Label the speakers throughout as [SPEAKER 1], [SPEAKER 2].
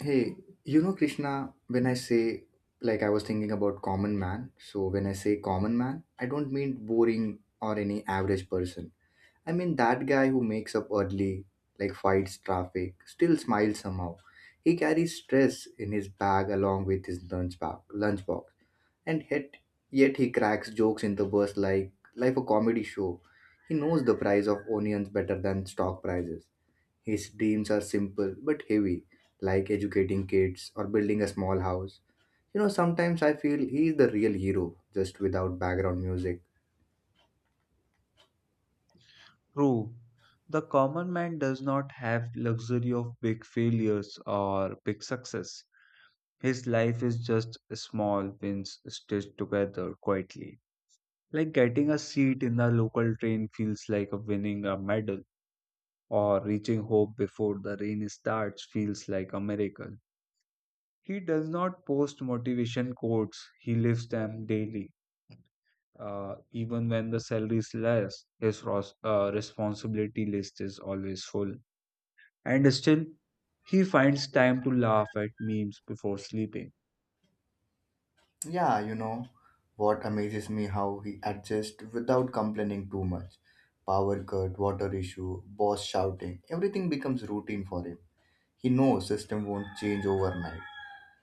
[SPEAKER 1] Hey, Krishna, when I say, I was thinking about common man. So when I say common man, I don't mean boring or any average person. I mean that guy who makes up early, like, fights traffic, still smiles somehow. He carries stress in his bag along with his lunch bag, lunchbox, and yet, yet he cracks jokes in the bus like a comedy show. He knows the price of onions better than stock prices. His dreams are simple but heavy, like educating kids or building a small house. Sometimes I feel he is the real hero, just without background music.
[SPEAKER 2] True. The common man does not have luxury of big failures or big success. His life is just small wins stitched together quietly. Like getting a seat in the local train feels like a winning a medal, or reaching home before the rain starts feels like a miracle. He does not post motivation quotes, he lives them daily. Even when the salary is less, his responsibility list is always full. And still, he finds time to laugh at memes before sleeping.
[SPEAKER 1] Yeah, what amazes me how he adjusts without complaining too much. Power cut, water issue, boss shouting, everything becomes routine for him. He knows system won't change overnight.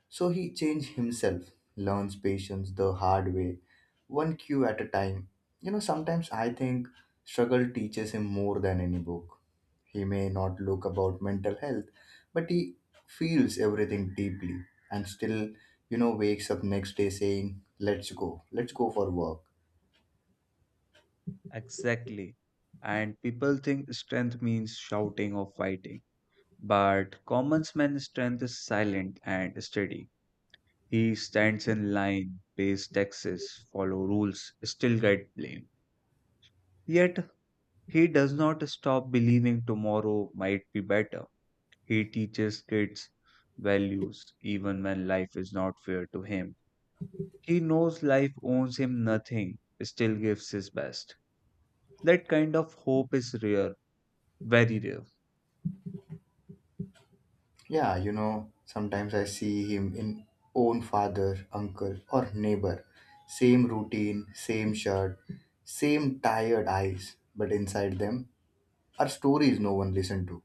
[SPEAKER 1] So he changed himself, learns patience the hard way, one cue at a time. Sometimes I think struggle teaches him more than any book. He may not look about mental health, but he feels everything deeply and still, wakes up next day saying, "Let's go, let's go for work."
[SPEAKER 2] Exactly. And people think strength means shouting or fighting. But common man's strength is silent and steady. He stands in line, pays taxes, follow rules, still get blamed. Yet he does not stop believing tomorrow might be better. He teaches kids values even when life is not fair to him. He knows life owes him nothing, still gives his best. That kind of hope is rare, very rare.
[SPEAKER 1] Yeah, sometimes I see him in own father, uncle, or neighbor. Same routine, same shirt, same tired eyes, but inside them are stories no one listened to.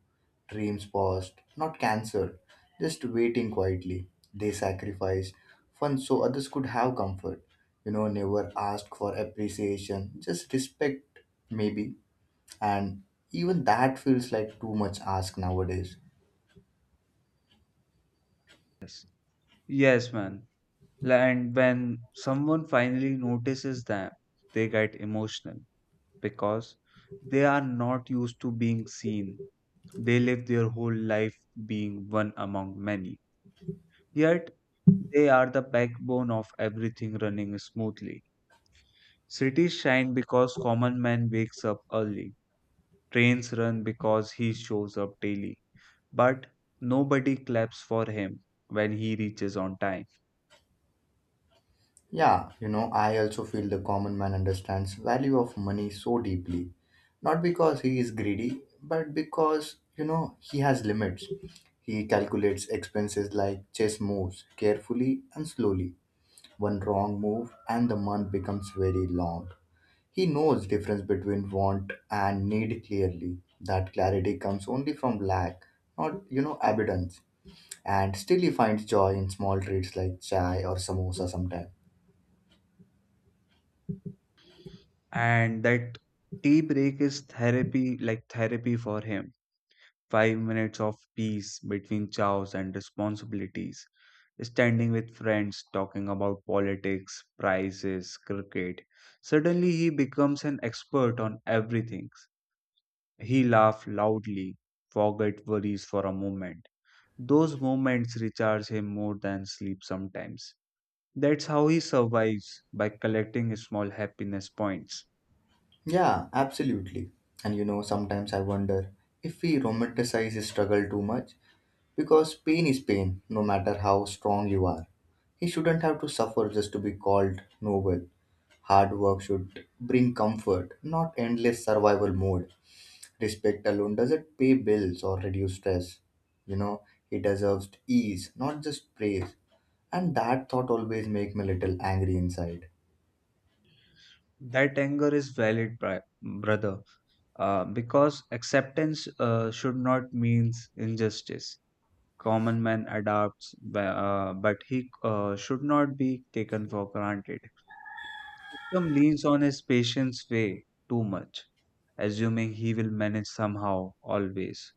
[SPEAKER 1] Dreams paused, not cancelled, just waiting quietly. They sacrificed fun so others could have comfort. Never asked for appreciation, just respect, maybe. And even that feels like too much ask nowadays.
[SPEAKER 2] Yes, yes, man. And when someone finally notices them, they get emotional because they are not used to being seen. They live their whole life being one among many. Yet, they are the backbone of everything running smoothly. Cities shine because common man wakes up early. Trains run because he shows up daily, but nobody claps for him when he reaches on time.
[SPEAKER 1] Yeah, I also feel the common man understands value of money so deeply. Not because he is greedy, but because, he has limits. He calculates expenses like chess moves carefully and slowly. One wrong move and the month becomes very long. He knows difference between want and need clearly. That clarity comes only from lack, not, abundance. And still he finds joy in small treats like chai or samosa sometimes.
[SPEAKER 2] And that tea break is therapy, like therapy for him. 5 minutes of peace between chows and responsibilities. Standing with friends, talking about politics, prices, cricket. Suddenly he becomes an expert on everything. He laughs loudly, forget worries for a moment. Those moments recharge him more than sleep sometimes. That's how he survives by collecting small happiness points.
[SPEAKER 1] Yeah, absolutely. And sometimes I wonder if we romanticize struggle too much because pain is pain, no matter how strong you are. He shouldn't have to suffer just to be called noble. Hard work should bring comfort, not endless survival mode. Respect alone doesn't pay bills or reduce stress. You know, he deserves ease, not just praise. And that thought always makes me a little angry inside.
[SPEAKER 2] That anger is valid, brother, because acceptance should not mean injustice. Common man adapts, but he should not be taken for granted. System leans on his patience way too much, assuming he will manage somehow, always.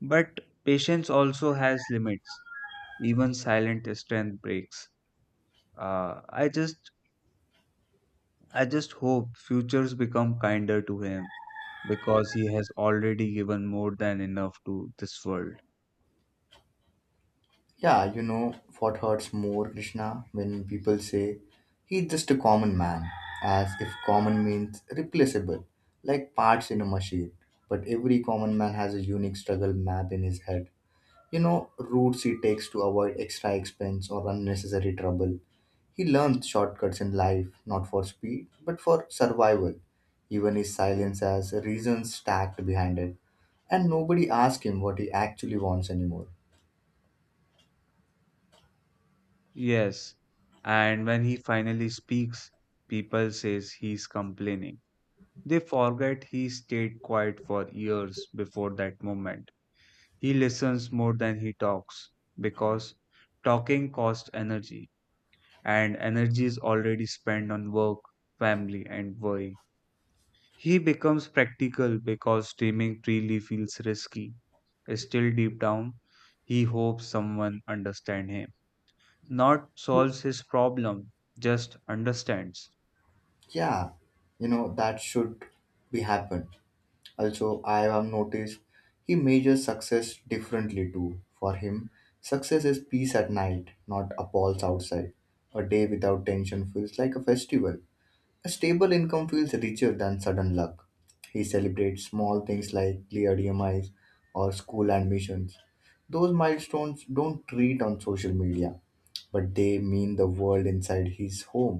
[SPEAKER 2] But patience also has limits, even silent strength breaks. I just I just hope futures become kinder to him because he has already given more than enough to this world.
[SPEAKER 1] Yeah, what hurts more, Krishna, when people say he's just a common man, as if common means replaceable, like parts in a machine. But every common man has a unique struggle map in his head. Routes he takes to avoid extra expense or unnecessary trouble. He learns shortcuts in life, not for speed, but for survival. Even his silence has reasons stacked behind it. And nobody asks him what he actually wants anymore.
[SPEAKER 2] Yes, and when he finally speaks, people says he's complaining. They forget he stayed quiet for years before that moment. He listens more than he talks because talking costs energy, and energy is already spent on work, family, and worry. He becomes practical because streaming freely feels risky. Still, deep down, he hopes someone understands him. Not solves his problem, just understands.
[SPEAKER 1] Yeah, that should be happen. Also, I have noticed he measures success differently too. For him, success is peace at night, not appalls outside. A day without tension feels like a festival. A stable income feels richer than sudden luck. He celebrates small things like cleared emis or school admissions. Those milestones don't treat on social media, but they mean the world inside his home.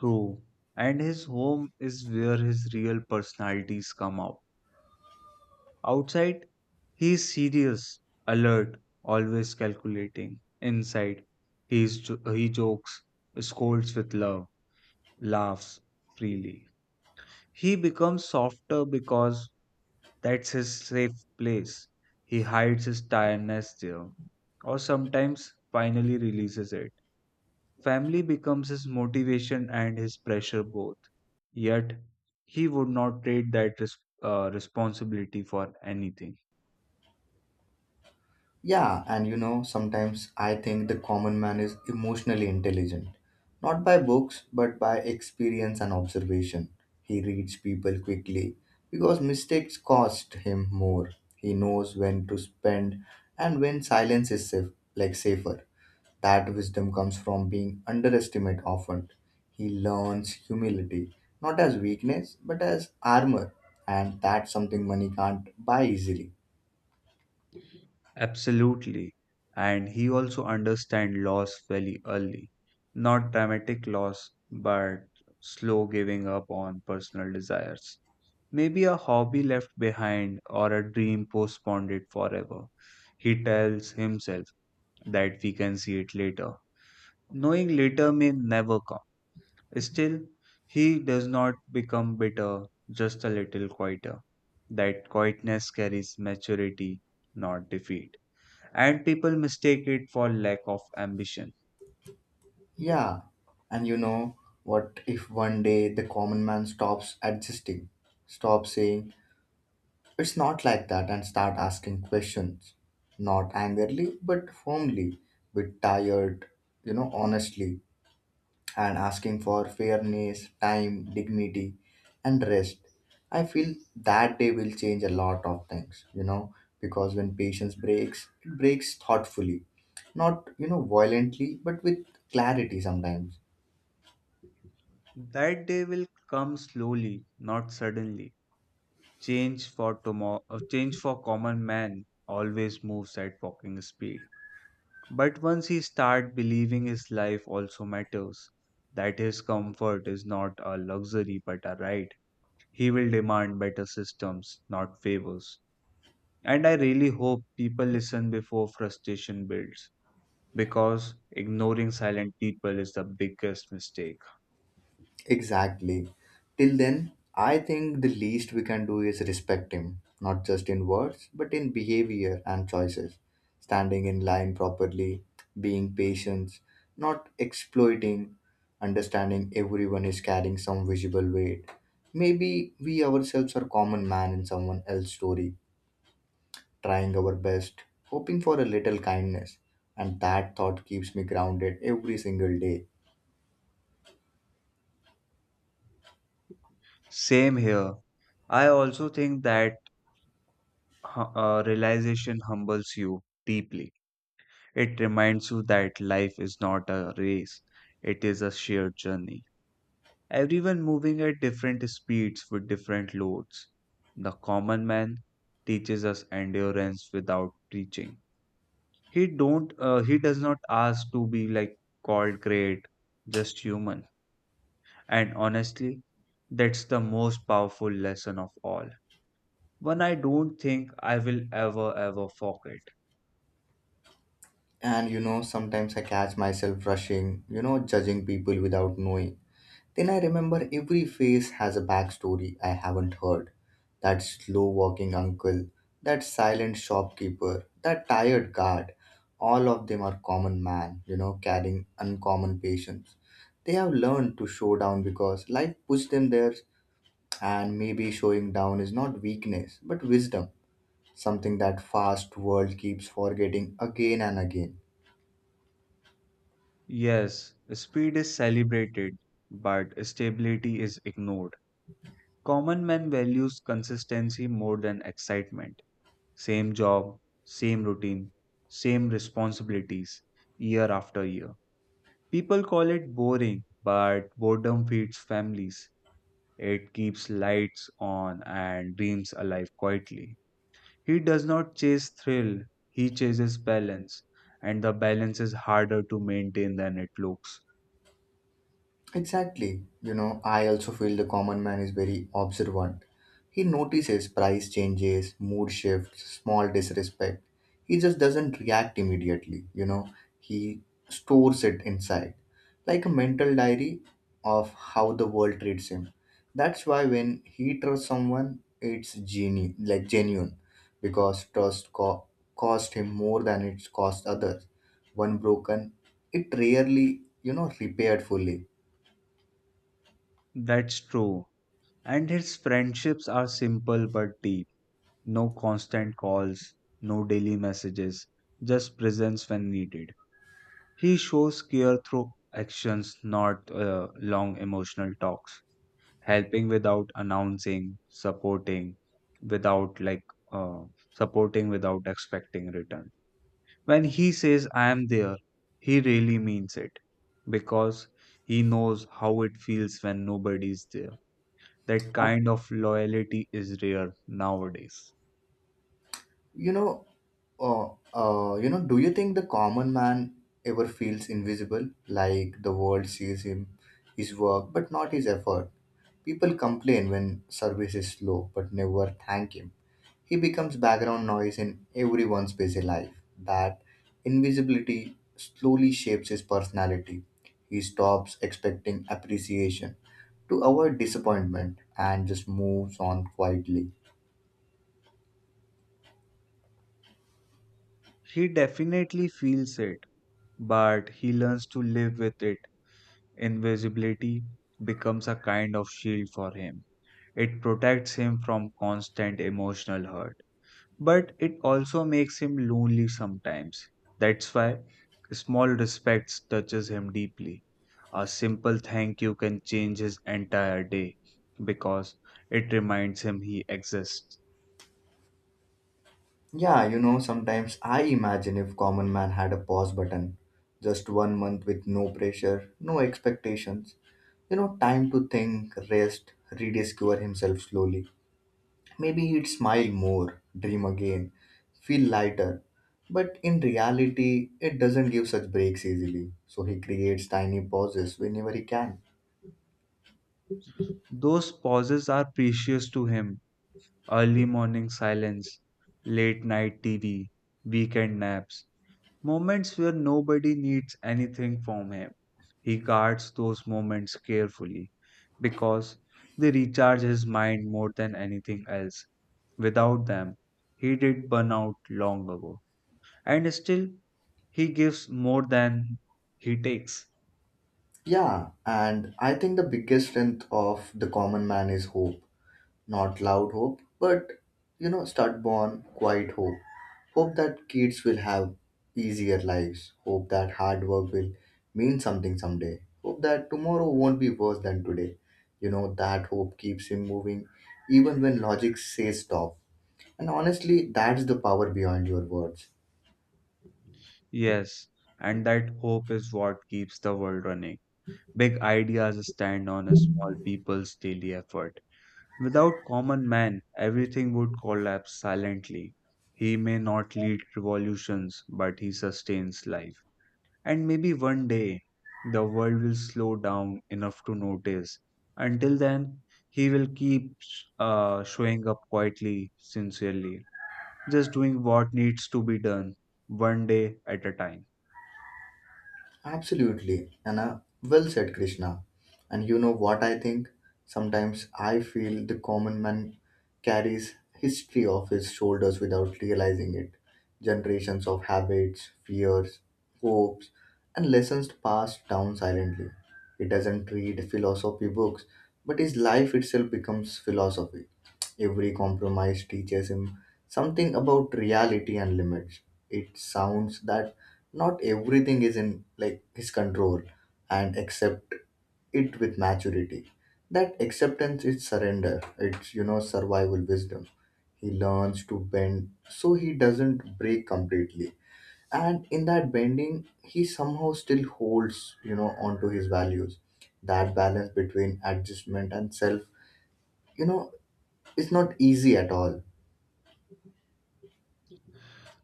[SPEAKER 2] True. And his home is where his real personalities come out. Outside, he is serious, alert, always calculating. Inside, he jokes, scolds with love, laughs freely. He becomes softer because that's his safe place. He hides his tiredness there, or sometimes finally releases it. Family becomes his motivation and his pressure both. Yet, he would not trade that responsibility for anything.
[SPEAKER 1] Yeah, and sometimes I think the common man is emotionally intelligent. Not by books, but by experience and observation. He reads people quickly because mistakes cost him more. He knows when to spend and when silence is safe, like safer. That wisdom comes from being underestimated often. He learns humility, not as weakness, but as armor, and that's something money can't buy easily.
[SPEAKER 2] Absolutely. And he also understands loss very early. Not dramatic loss, but slow giving up on personal desires. Maybe a hobby left behind or a dream postponed it forever. He tells himself that we can see it later, knowing later may never come. Still, he does not become bitter, just a little quieter. That quietness carries maturity, not defeat. And people mistake it for lack of ambition.
[SPEAKER 1] Yeah, and what? If one day the common man stops adjusting, stops saying, "It's not like that," and start asking questions, not angrily, but firmly, with tired, honestly, and asking for fairness, time, dignity, and rest. I feel that day will change a lot of things, because when patience breaks, it breaks thoughtfully, not, violently, but with clarity sometimes.
[SPEAKER 2] That day will come slowly, not suddenly. Change for tomorrow. Change for common man always moves at walking speed. But once he start believing his life also matters, that his comfort is not a luxury but a right, he will demand better systems, not favors. And I really hope people listen before frustration builds, because ignoring silent people is the biggest mistake.
[SPEAKER 1] Exactly. Till then, I think the least we can do is respect him, not just in words, but in behavior and choices. Standing in line properly, being patient, not exploiting, understanding everyone is carrying some visible weight. Maybe we ourselves are common man in someone else's story, trying our best, hoping for a little kindness. And that thought keeps me grounded every single day.
[SPEAKER 2] Same here. I also think that realization humbles you deeply. It reminds you that life is not a race, it is a shared journey. Everyone moving at different speeds with different loads. The common man teaches us endurance without preaching. He does not ask to be called great, just human. And honestly, that's the most powerful lesson of all. One I don't think I will ever ever forget.
[SPEAKER 1] And sometimes I catch myself rushing, judging people without knowing. Then I remember every face has a backstory I haven't heard. That slow walking uncle, that silent shopkeeper, that tired guard, all of them are common man, carrying uncommon patience. They have learned to show down because life pushed them there, and maybe showing down is not weakness but wisdom, something that fast world keeps forgetting again and again.
[SPEAKER 2] Yes, speed is celebrated, but stability is ignored. Common man values consistency more than excitement. Same job, same routine, same responsibilities, year after year. People call it boring, but boredom feeds families. It keeps lights on and dreams alive quietly. He does not chase thrill, he chases balance, and the balance is harder to maintain than it looks.
[SPEAKER 1] Exactly. I also feel the common man is very observant. He notices price changes, mood shifts, small disrespect. He just doesn't react immediately, he stores it inside, like a mental diary of how the world treats him. That's why when he trusts someone, it's like genuine, because cost him more than it's cost others. One broken, it rarely, repaired fully.
[SPEAKER 2] That's true. And his friendships are simple but deep. No constant calls, no daily messages, just presence when needed. He shows care through actions, not long emotional talks. Helping without announcing, without like uh, supporting without expecting return. When he says I am there, he really means it because he knows how it feels when nobody is there. That kind of loyalty is rare nowadays.
[SPEAKER 1] You know, uh, do you think the common man ever feels invisible, like the world sees him, his work, but not his effort? People complain when service is slow, but never thank him. He becomes background noise in everyone's busy life. That invisibility slowly shapes his personality. He stops expecting appreciation to avoid disappointment and just moves on quietly.
[SPEAKER 2] He definitely feels it, but he learns to live with it. Invisibility becomes a kind of shield for him. It protects him from constant emotional hurt, but it also makes him lonely sometimes. That's why small respects touches him deeply. A simple thank you can change his entire day because it reminds him he exists.
[SPEAKER 1] Yeah, sometimes I imagine if common man had a pause button, just 1 month with no pressure, no expectations, time to think, rest, rediscover himself slowly. Maybe he'd smile more, dream again, feel lighter. But in reality, it doesn't give such breaks easily, so he creates tiny pauses whenever he can.
[SPEAKER 2] Those pauses are precious to him. Early morning silence, late night TV, weekend naps, moments where nobody needs anything from him. He guards those moments carefully because they recharge his mind more than anything else. Without them, he did burn out long ago. And still, he gives more than he takes.
[SPEAKER 1] Yeah, and I think the biggest strength of the common man is hope, not loud hope, but stubborn, quiet hope. Hope that kids will have easier lives. Hope that hard work will mean something someday. Hope that tomorrow won't be worse than today. That hope keeps him moving even when logic says stop. And honestly, that's the power behind your words.
[SPEAKER 2] Yes, and that hope is what keeps the world running. Big ideas stand on a small people's daily effort. Without common man, everything would collapse silently. He may not lead revolutions, but he sustains life. And maybe one day the world will slow down enough to notice. Until then, he will keep showing up quietly, sincerely, just doing what needs to be done, one day at a time.
[SPEAKER 1] Absolutely, and well said, Krishna. And you know what I think? Sometimes I feel the common man carries history off his shoulders without realizing it. Generations of habits, fears, hopes, and lessons passed down silently. He doesn't read philosophy books, but his life itself becomes philosophy. Every compromise teaches him something about reality and limits. It sounds that not everything is in like his control, and accept it with maturity. That acceptance is surrender, it's survival wisdom. He learns to bend so he doesn't break completely, and in that bending he somehow still holds, onto his values. That balance between adjustment and self, you know is not easy at all.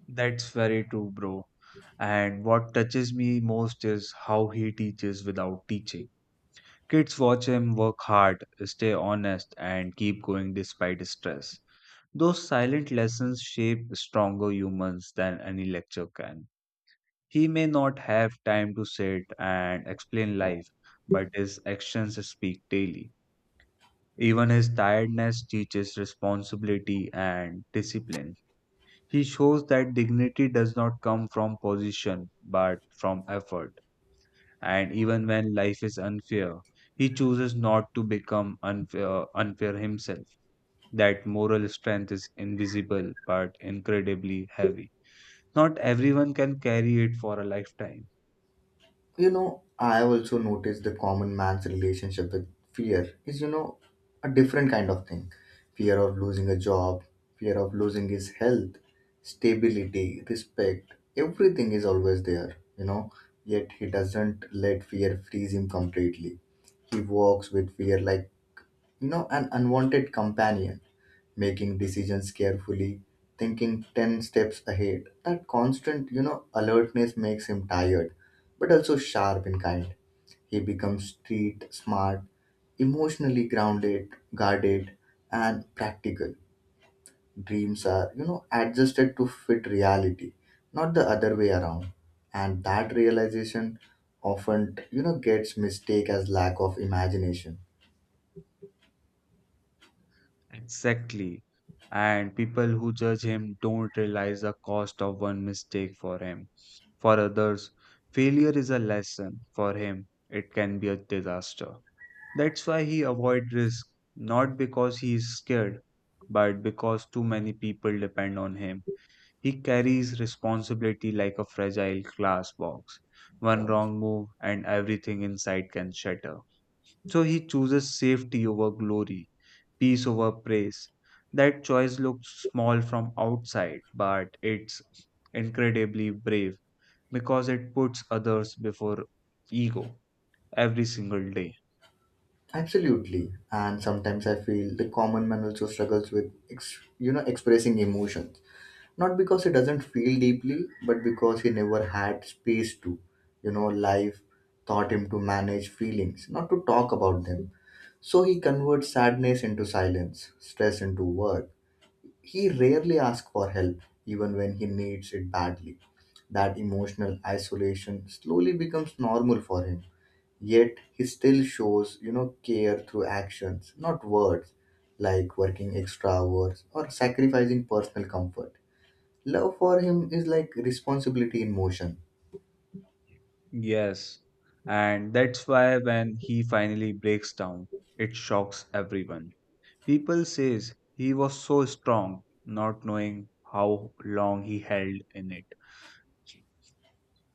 [SPEAKER 2] That's very true, bro. And what touches me most is how he teaches without teaching. Kids watch him work hard, stay honest, and keep going despite stress. Those silent lessons shape stronger humans than any lecture can. He may not have time to sit and explain life, but his actions speak daily. Even his tiredness teaches responsibility and discipline. He shows that dignity does not come from position but from effort. And even when life is unfair, he chooses not to become unfair, himself. That moral strength is invisible but incredibly heavy. Not everyone can carry it for a lifetime.
[SPEAKER 1] I also noticed the common man's relationship with fear is, a different kind of thing. Fear of losing a job, fear of losing his health, stability, respect, everything is always there, Yet he doesn't let fear freeze him completely. He walks with fear like, an unwanted companion, making decisions carefully, thinking 10 steps ahead. That constant, alertness makes him tired, but also sharp and kind. He becomes street smart, emotionally grounded, guarded, and practical. Dreams are, adjusted to fit reality, not the other way around. And that realization often, gets mistaken as lack of imagination.
[SPEAKER 2] Exactly. And people who judge him don't realize the cost of one mistake for him. For others, failure is a lesson. For him, it can be a disaster. That's why he avoid risk, not because he is scared, but because too many people depend on him. He carries responsibility like a fragile glass box. One wrong move and everything inside can shatter. So he chooses safety over glory, peace over praise. That choice looks small from outside, but it's incredibly brave because it puts others before ego every single day.
[SPEAKER 1] Absolutely. And sometimes I feel the common man also struggles with, expressing emotions. Not because he doesn't feel deeply, but because he never had space to. Life taught him to manage feelings, not to talk about them. So he converts sadness into silence, stress into work. He rarely asks for help, even when he needs it badly. That emotional isolation slowly becomes normal for him, yet he still shows care through actions, not words, like working extra hours or sacrificing personal comfort. Love for him is like responsibility in motion.
[SPEAKER 2] Yes, and that's why when he finally breaks down, it shocks everyone. People says he was so strong, not knowing how long he held in it.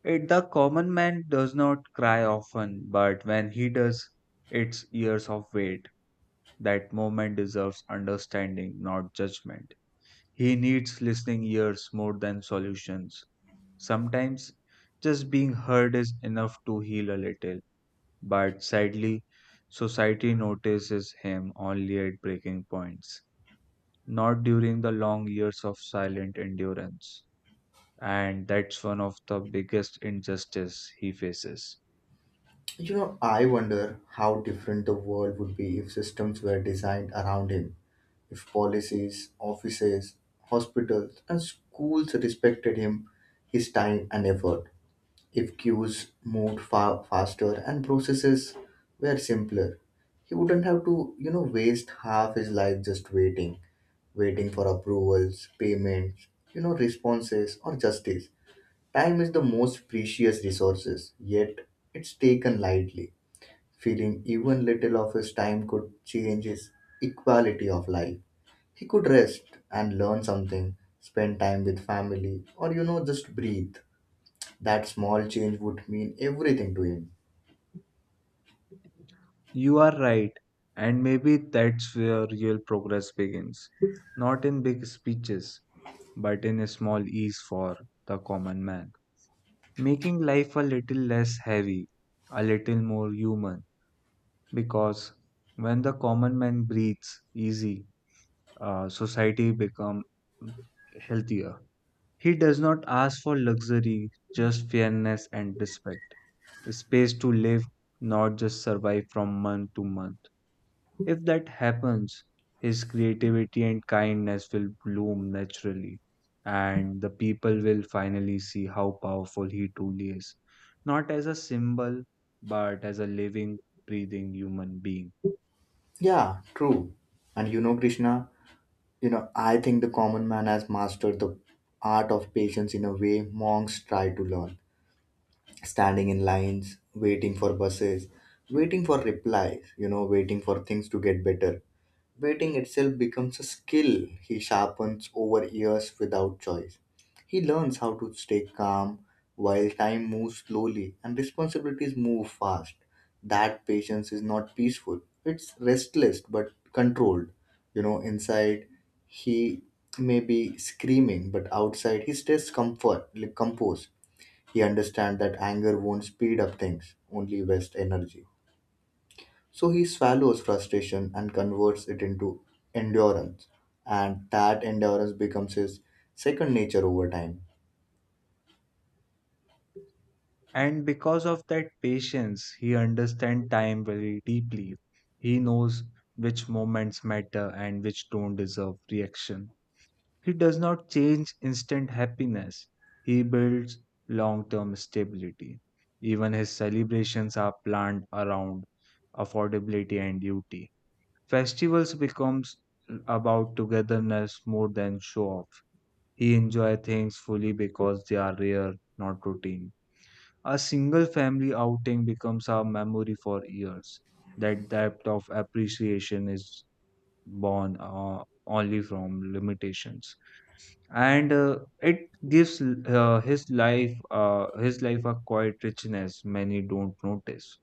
[SPEAKER 2] It the common man does not cry often, but when he does, it's years of wait. That moment deserves understanding, not judgment. He needs listening ears more than solutions. Sometimes just being heard is enough to heal a little, but sadly, society notices him only at breaking points, not during the long years of silent endurance. And that's one of the biggest injustice he faces.
[SPEAKER 1] I wonder how different the world would be if systems were designed around him, if policies, offices, hospitals, and schools respected him, his time and effort. If queues moved far faster and processes were simpler, he wouldn't have to, waste half his life just waiting, waiting for approvals, payments, responses or justice. Time is the most precious resources, yet it's taken lightly. Feeling even little of his time could change his equality of life. He could rest and learn something, spend time with family, or just breathe. That small change would mean everything to him.
[SPEAKER 2] You are right, and maybe that's where real progress begins. Not in big speeches, but in a small ease for the common man. Making life a little less heavy, a little more human, because when the common man breathes easy, society become healthier. He does not ask for luxury, just fairness and respect. Space to live, not just survive from month to month. If that happens, his creativity and kindness will bloom naturally, and the people will finally see how powerful he truly is. Not as a symbol, but as a living, breathing human being.
[SPEAKER 1] Yeah, true. And Krishna, I think the common man has mastered the art of patience in a way monks try to learn. Standing in lines, waiting for buses, waiting for replies, waiting for things to get better. Waiting itself becomes a skill he sharpens over years without choice. He learns how to stay calm while time moves slowly and responsibilities move fast. That patience is not peaceful, it's restless but controlled. Inside he may be screaming, but outside he stays comfort, like composed. He understands that anger won't speed up things, only waste energy. So he swallows frustration and converts it into endurance, and that endurance becomes his second nature over time.
[SPEAKER 2] And because of that patience, he understands time very deeply. He knows which moments matter and which don't deserve reaction. He does not change instant happiness, he builds long term stability. Even his celebrations are planned around affordability and duty. Festivals becomes about togetherness more than show off. He enjoys things fully because they are rare, not routine. A single family outing becomes a memory for years. That depth of appreciation is born only from limitations, and it gives his life a quiet richness many don't notice.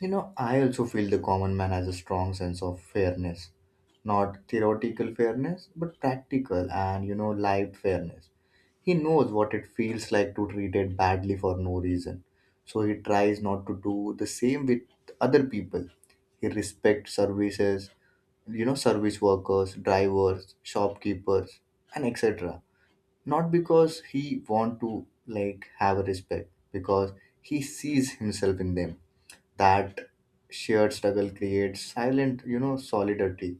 [SPEAKER 1] I also feel the common man has a strong sense of fairness. Not theoretical fairness, but practical and, lived fairness. He knows what it feels like to treat it badly for no reason. So he tries not to do the same with other people. He respects services, service workers, drivers, shopkeepers, and etc, not because he want to like have a respect because he sees himself in them. That shared struggle creates silent, solidarity.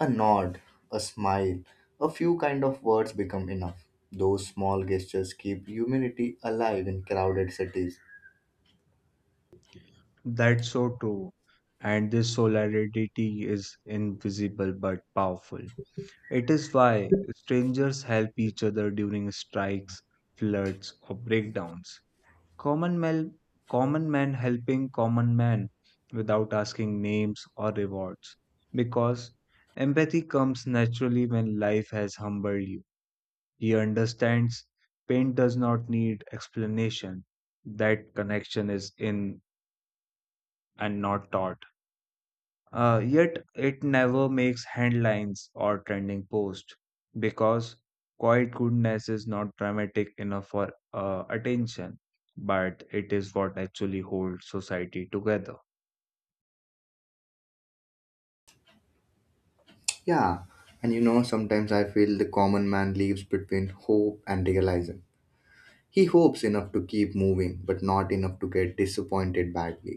[SPEAKER 1] A nod, a smile, a few kind of words become enough. Those small gestures keep humanity alive in crowded cities.
[SPEAKER 2] That's so true, and this solidarity is invisible but powerful. It is why strangers help each other during strikes, floods, or breakdowns. Common men, common men helping common men without asking names or rewards. Because empathy comes naturally when life has humbled you. He understands pain does not need explanation. That connection is in and not taught. Yet it never makes headlines or trending posts because quiet goodness is not dramatic enough for attention, but it is what actually holds society together.
[SPEAKER 1] Yeah, and sometimes I feel the common man lives between hope and realism. He hopes enough to keep moving, but not enough to get disappointed badly.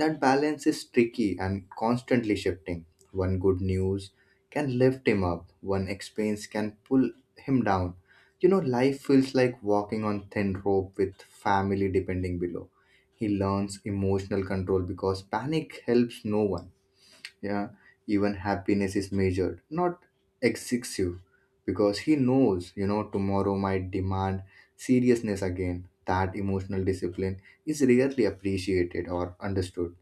[SPEAKER 1] That balance is tricky and constantly shifting. One good news can lift him up, one experience can pull him down. Life feels like walking on thin rope with family depending below. He learns emotional control because panic helps no one. Yeah, even happiness is measured, not excessive, because he knows, tomorrow might demand seriousness again. That emotional discipline is rarely appreciated or understood.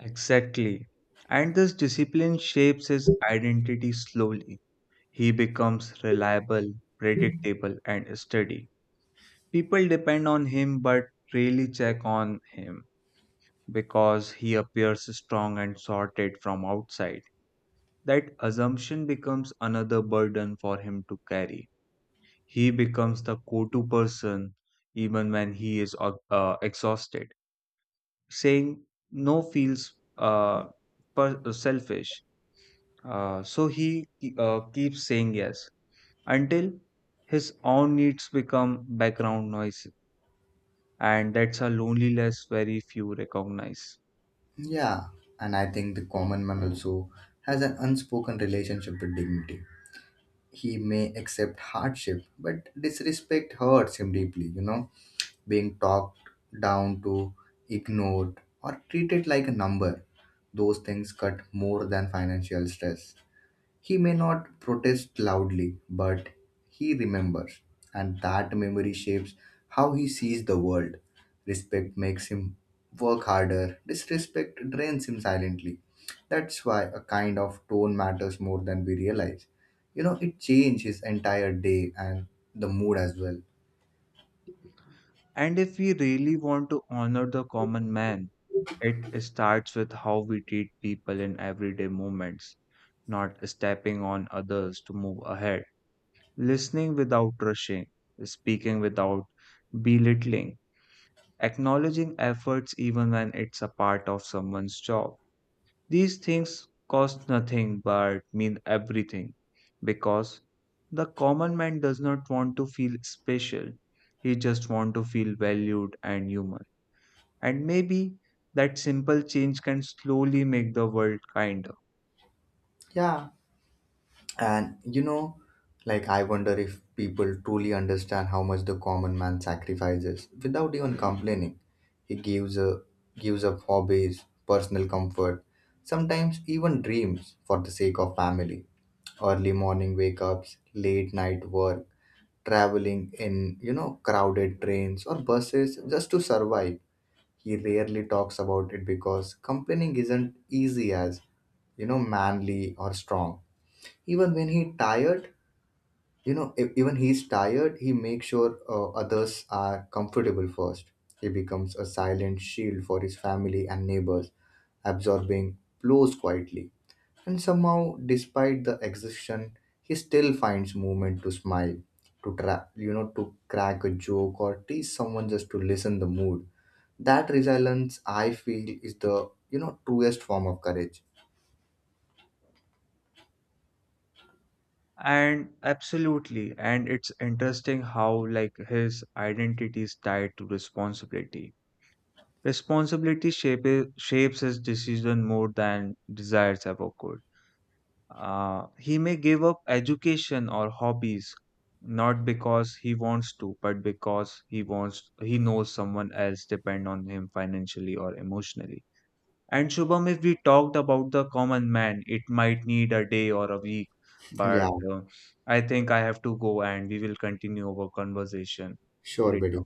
[SPEAKER 2] Exactly. And this discipline shapes his identity slowly. He becomes reliable, predictable, and steady. People depend on him but rarely check on him because he appears strong and sorted from outside. That assumption becomes another burden for him to carry. He becomes the go to person even when he is exhausted. Saying no feels selfish. So he keeps saying yes until his own needs become background noise. And that's a loneliness very few recognize.
[SPEAKER 1] Yeah, and I think the common man also has an unspoken relationship with dignity. He may accept hardship, but disrespect hurts him deeply, Being talked down to, ignored, or treated like a number, those things cut more than financial stress. He may not protest loudly, but he remembers, and that memory shapes how he sees the world. Respect makes him work harder, disrespect drains him silently. That's why a kind of tone matters more than we realize. It changes his entire day and the mood as well.
[SPEAKER 2] And if we really want to honor the common man, it starts with how we treat people in everyday moments, not stepping on others to move ahead, listening without rushing, speaking without belittling, acknowledging efforts even when it's a part of someone's job. These things cost nothing but mean everything because the common man does not want to feel special. He just wants to feel valued and human. And maybe that simple change can slowly make the world kinder.
[SPEAKER 1] Yeah, and like I wonder if people truly understand how much the common man sacrifices without even complaining. He gives up hobbies, personal comfort, sometimes even dreams for the sake of family. Early morning wake ups, late night work, traveling in, crowded trains or buses just to survive. He rarely talks about it because complaining isn't easy as, manly or strong. Even when he tired, even he's tired, he makes sure others are comfortable first. He becomes a silent shield for his family and neighbors, absorbing blows quietly, and somehow despite the exhaustion he still finds moment to smile, to tra- you know to crack a joke or tease someone just to lessen the mood. That resilience, I feel, is the truest form of courage.
[SPEAKER 2] And absolutely, and it's interesting how like his identity is tied to responsibility. Responsibility shapes his decision more than desires ever could. He may give up education or hobbies not because he wants to, but because he knows someone else depend on him financially or emotionally. And Shubham, if we talked about the common man, it might need a day or a week, but
[SPEAKER 1] Yeah,
[SPEAKER 2] I think I have to go and we will continue our conversation
[SPEAKER 1] sure
[SPEAKER 2] later.
[SPEAKER 1] buddy.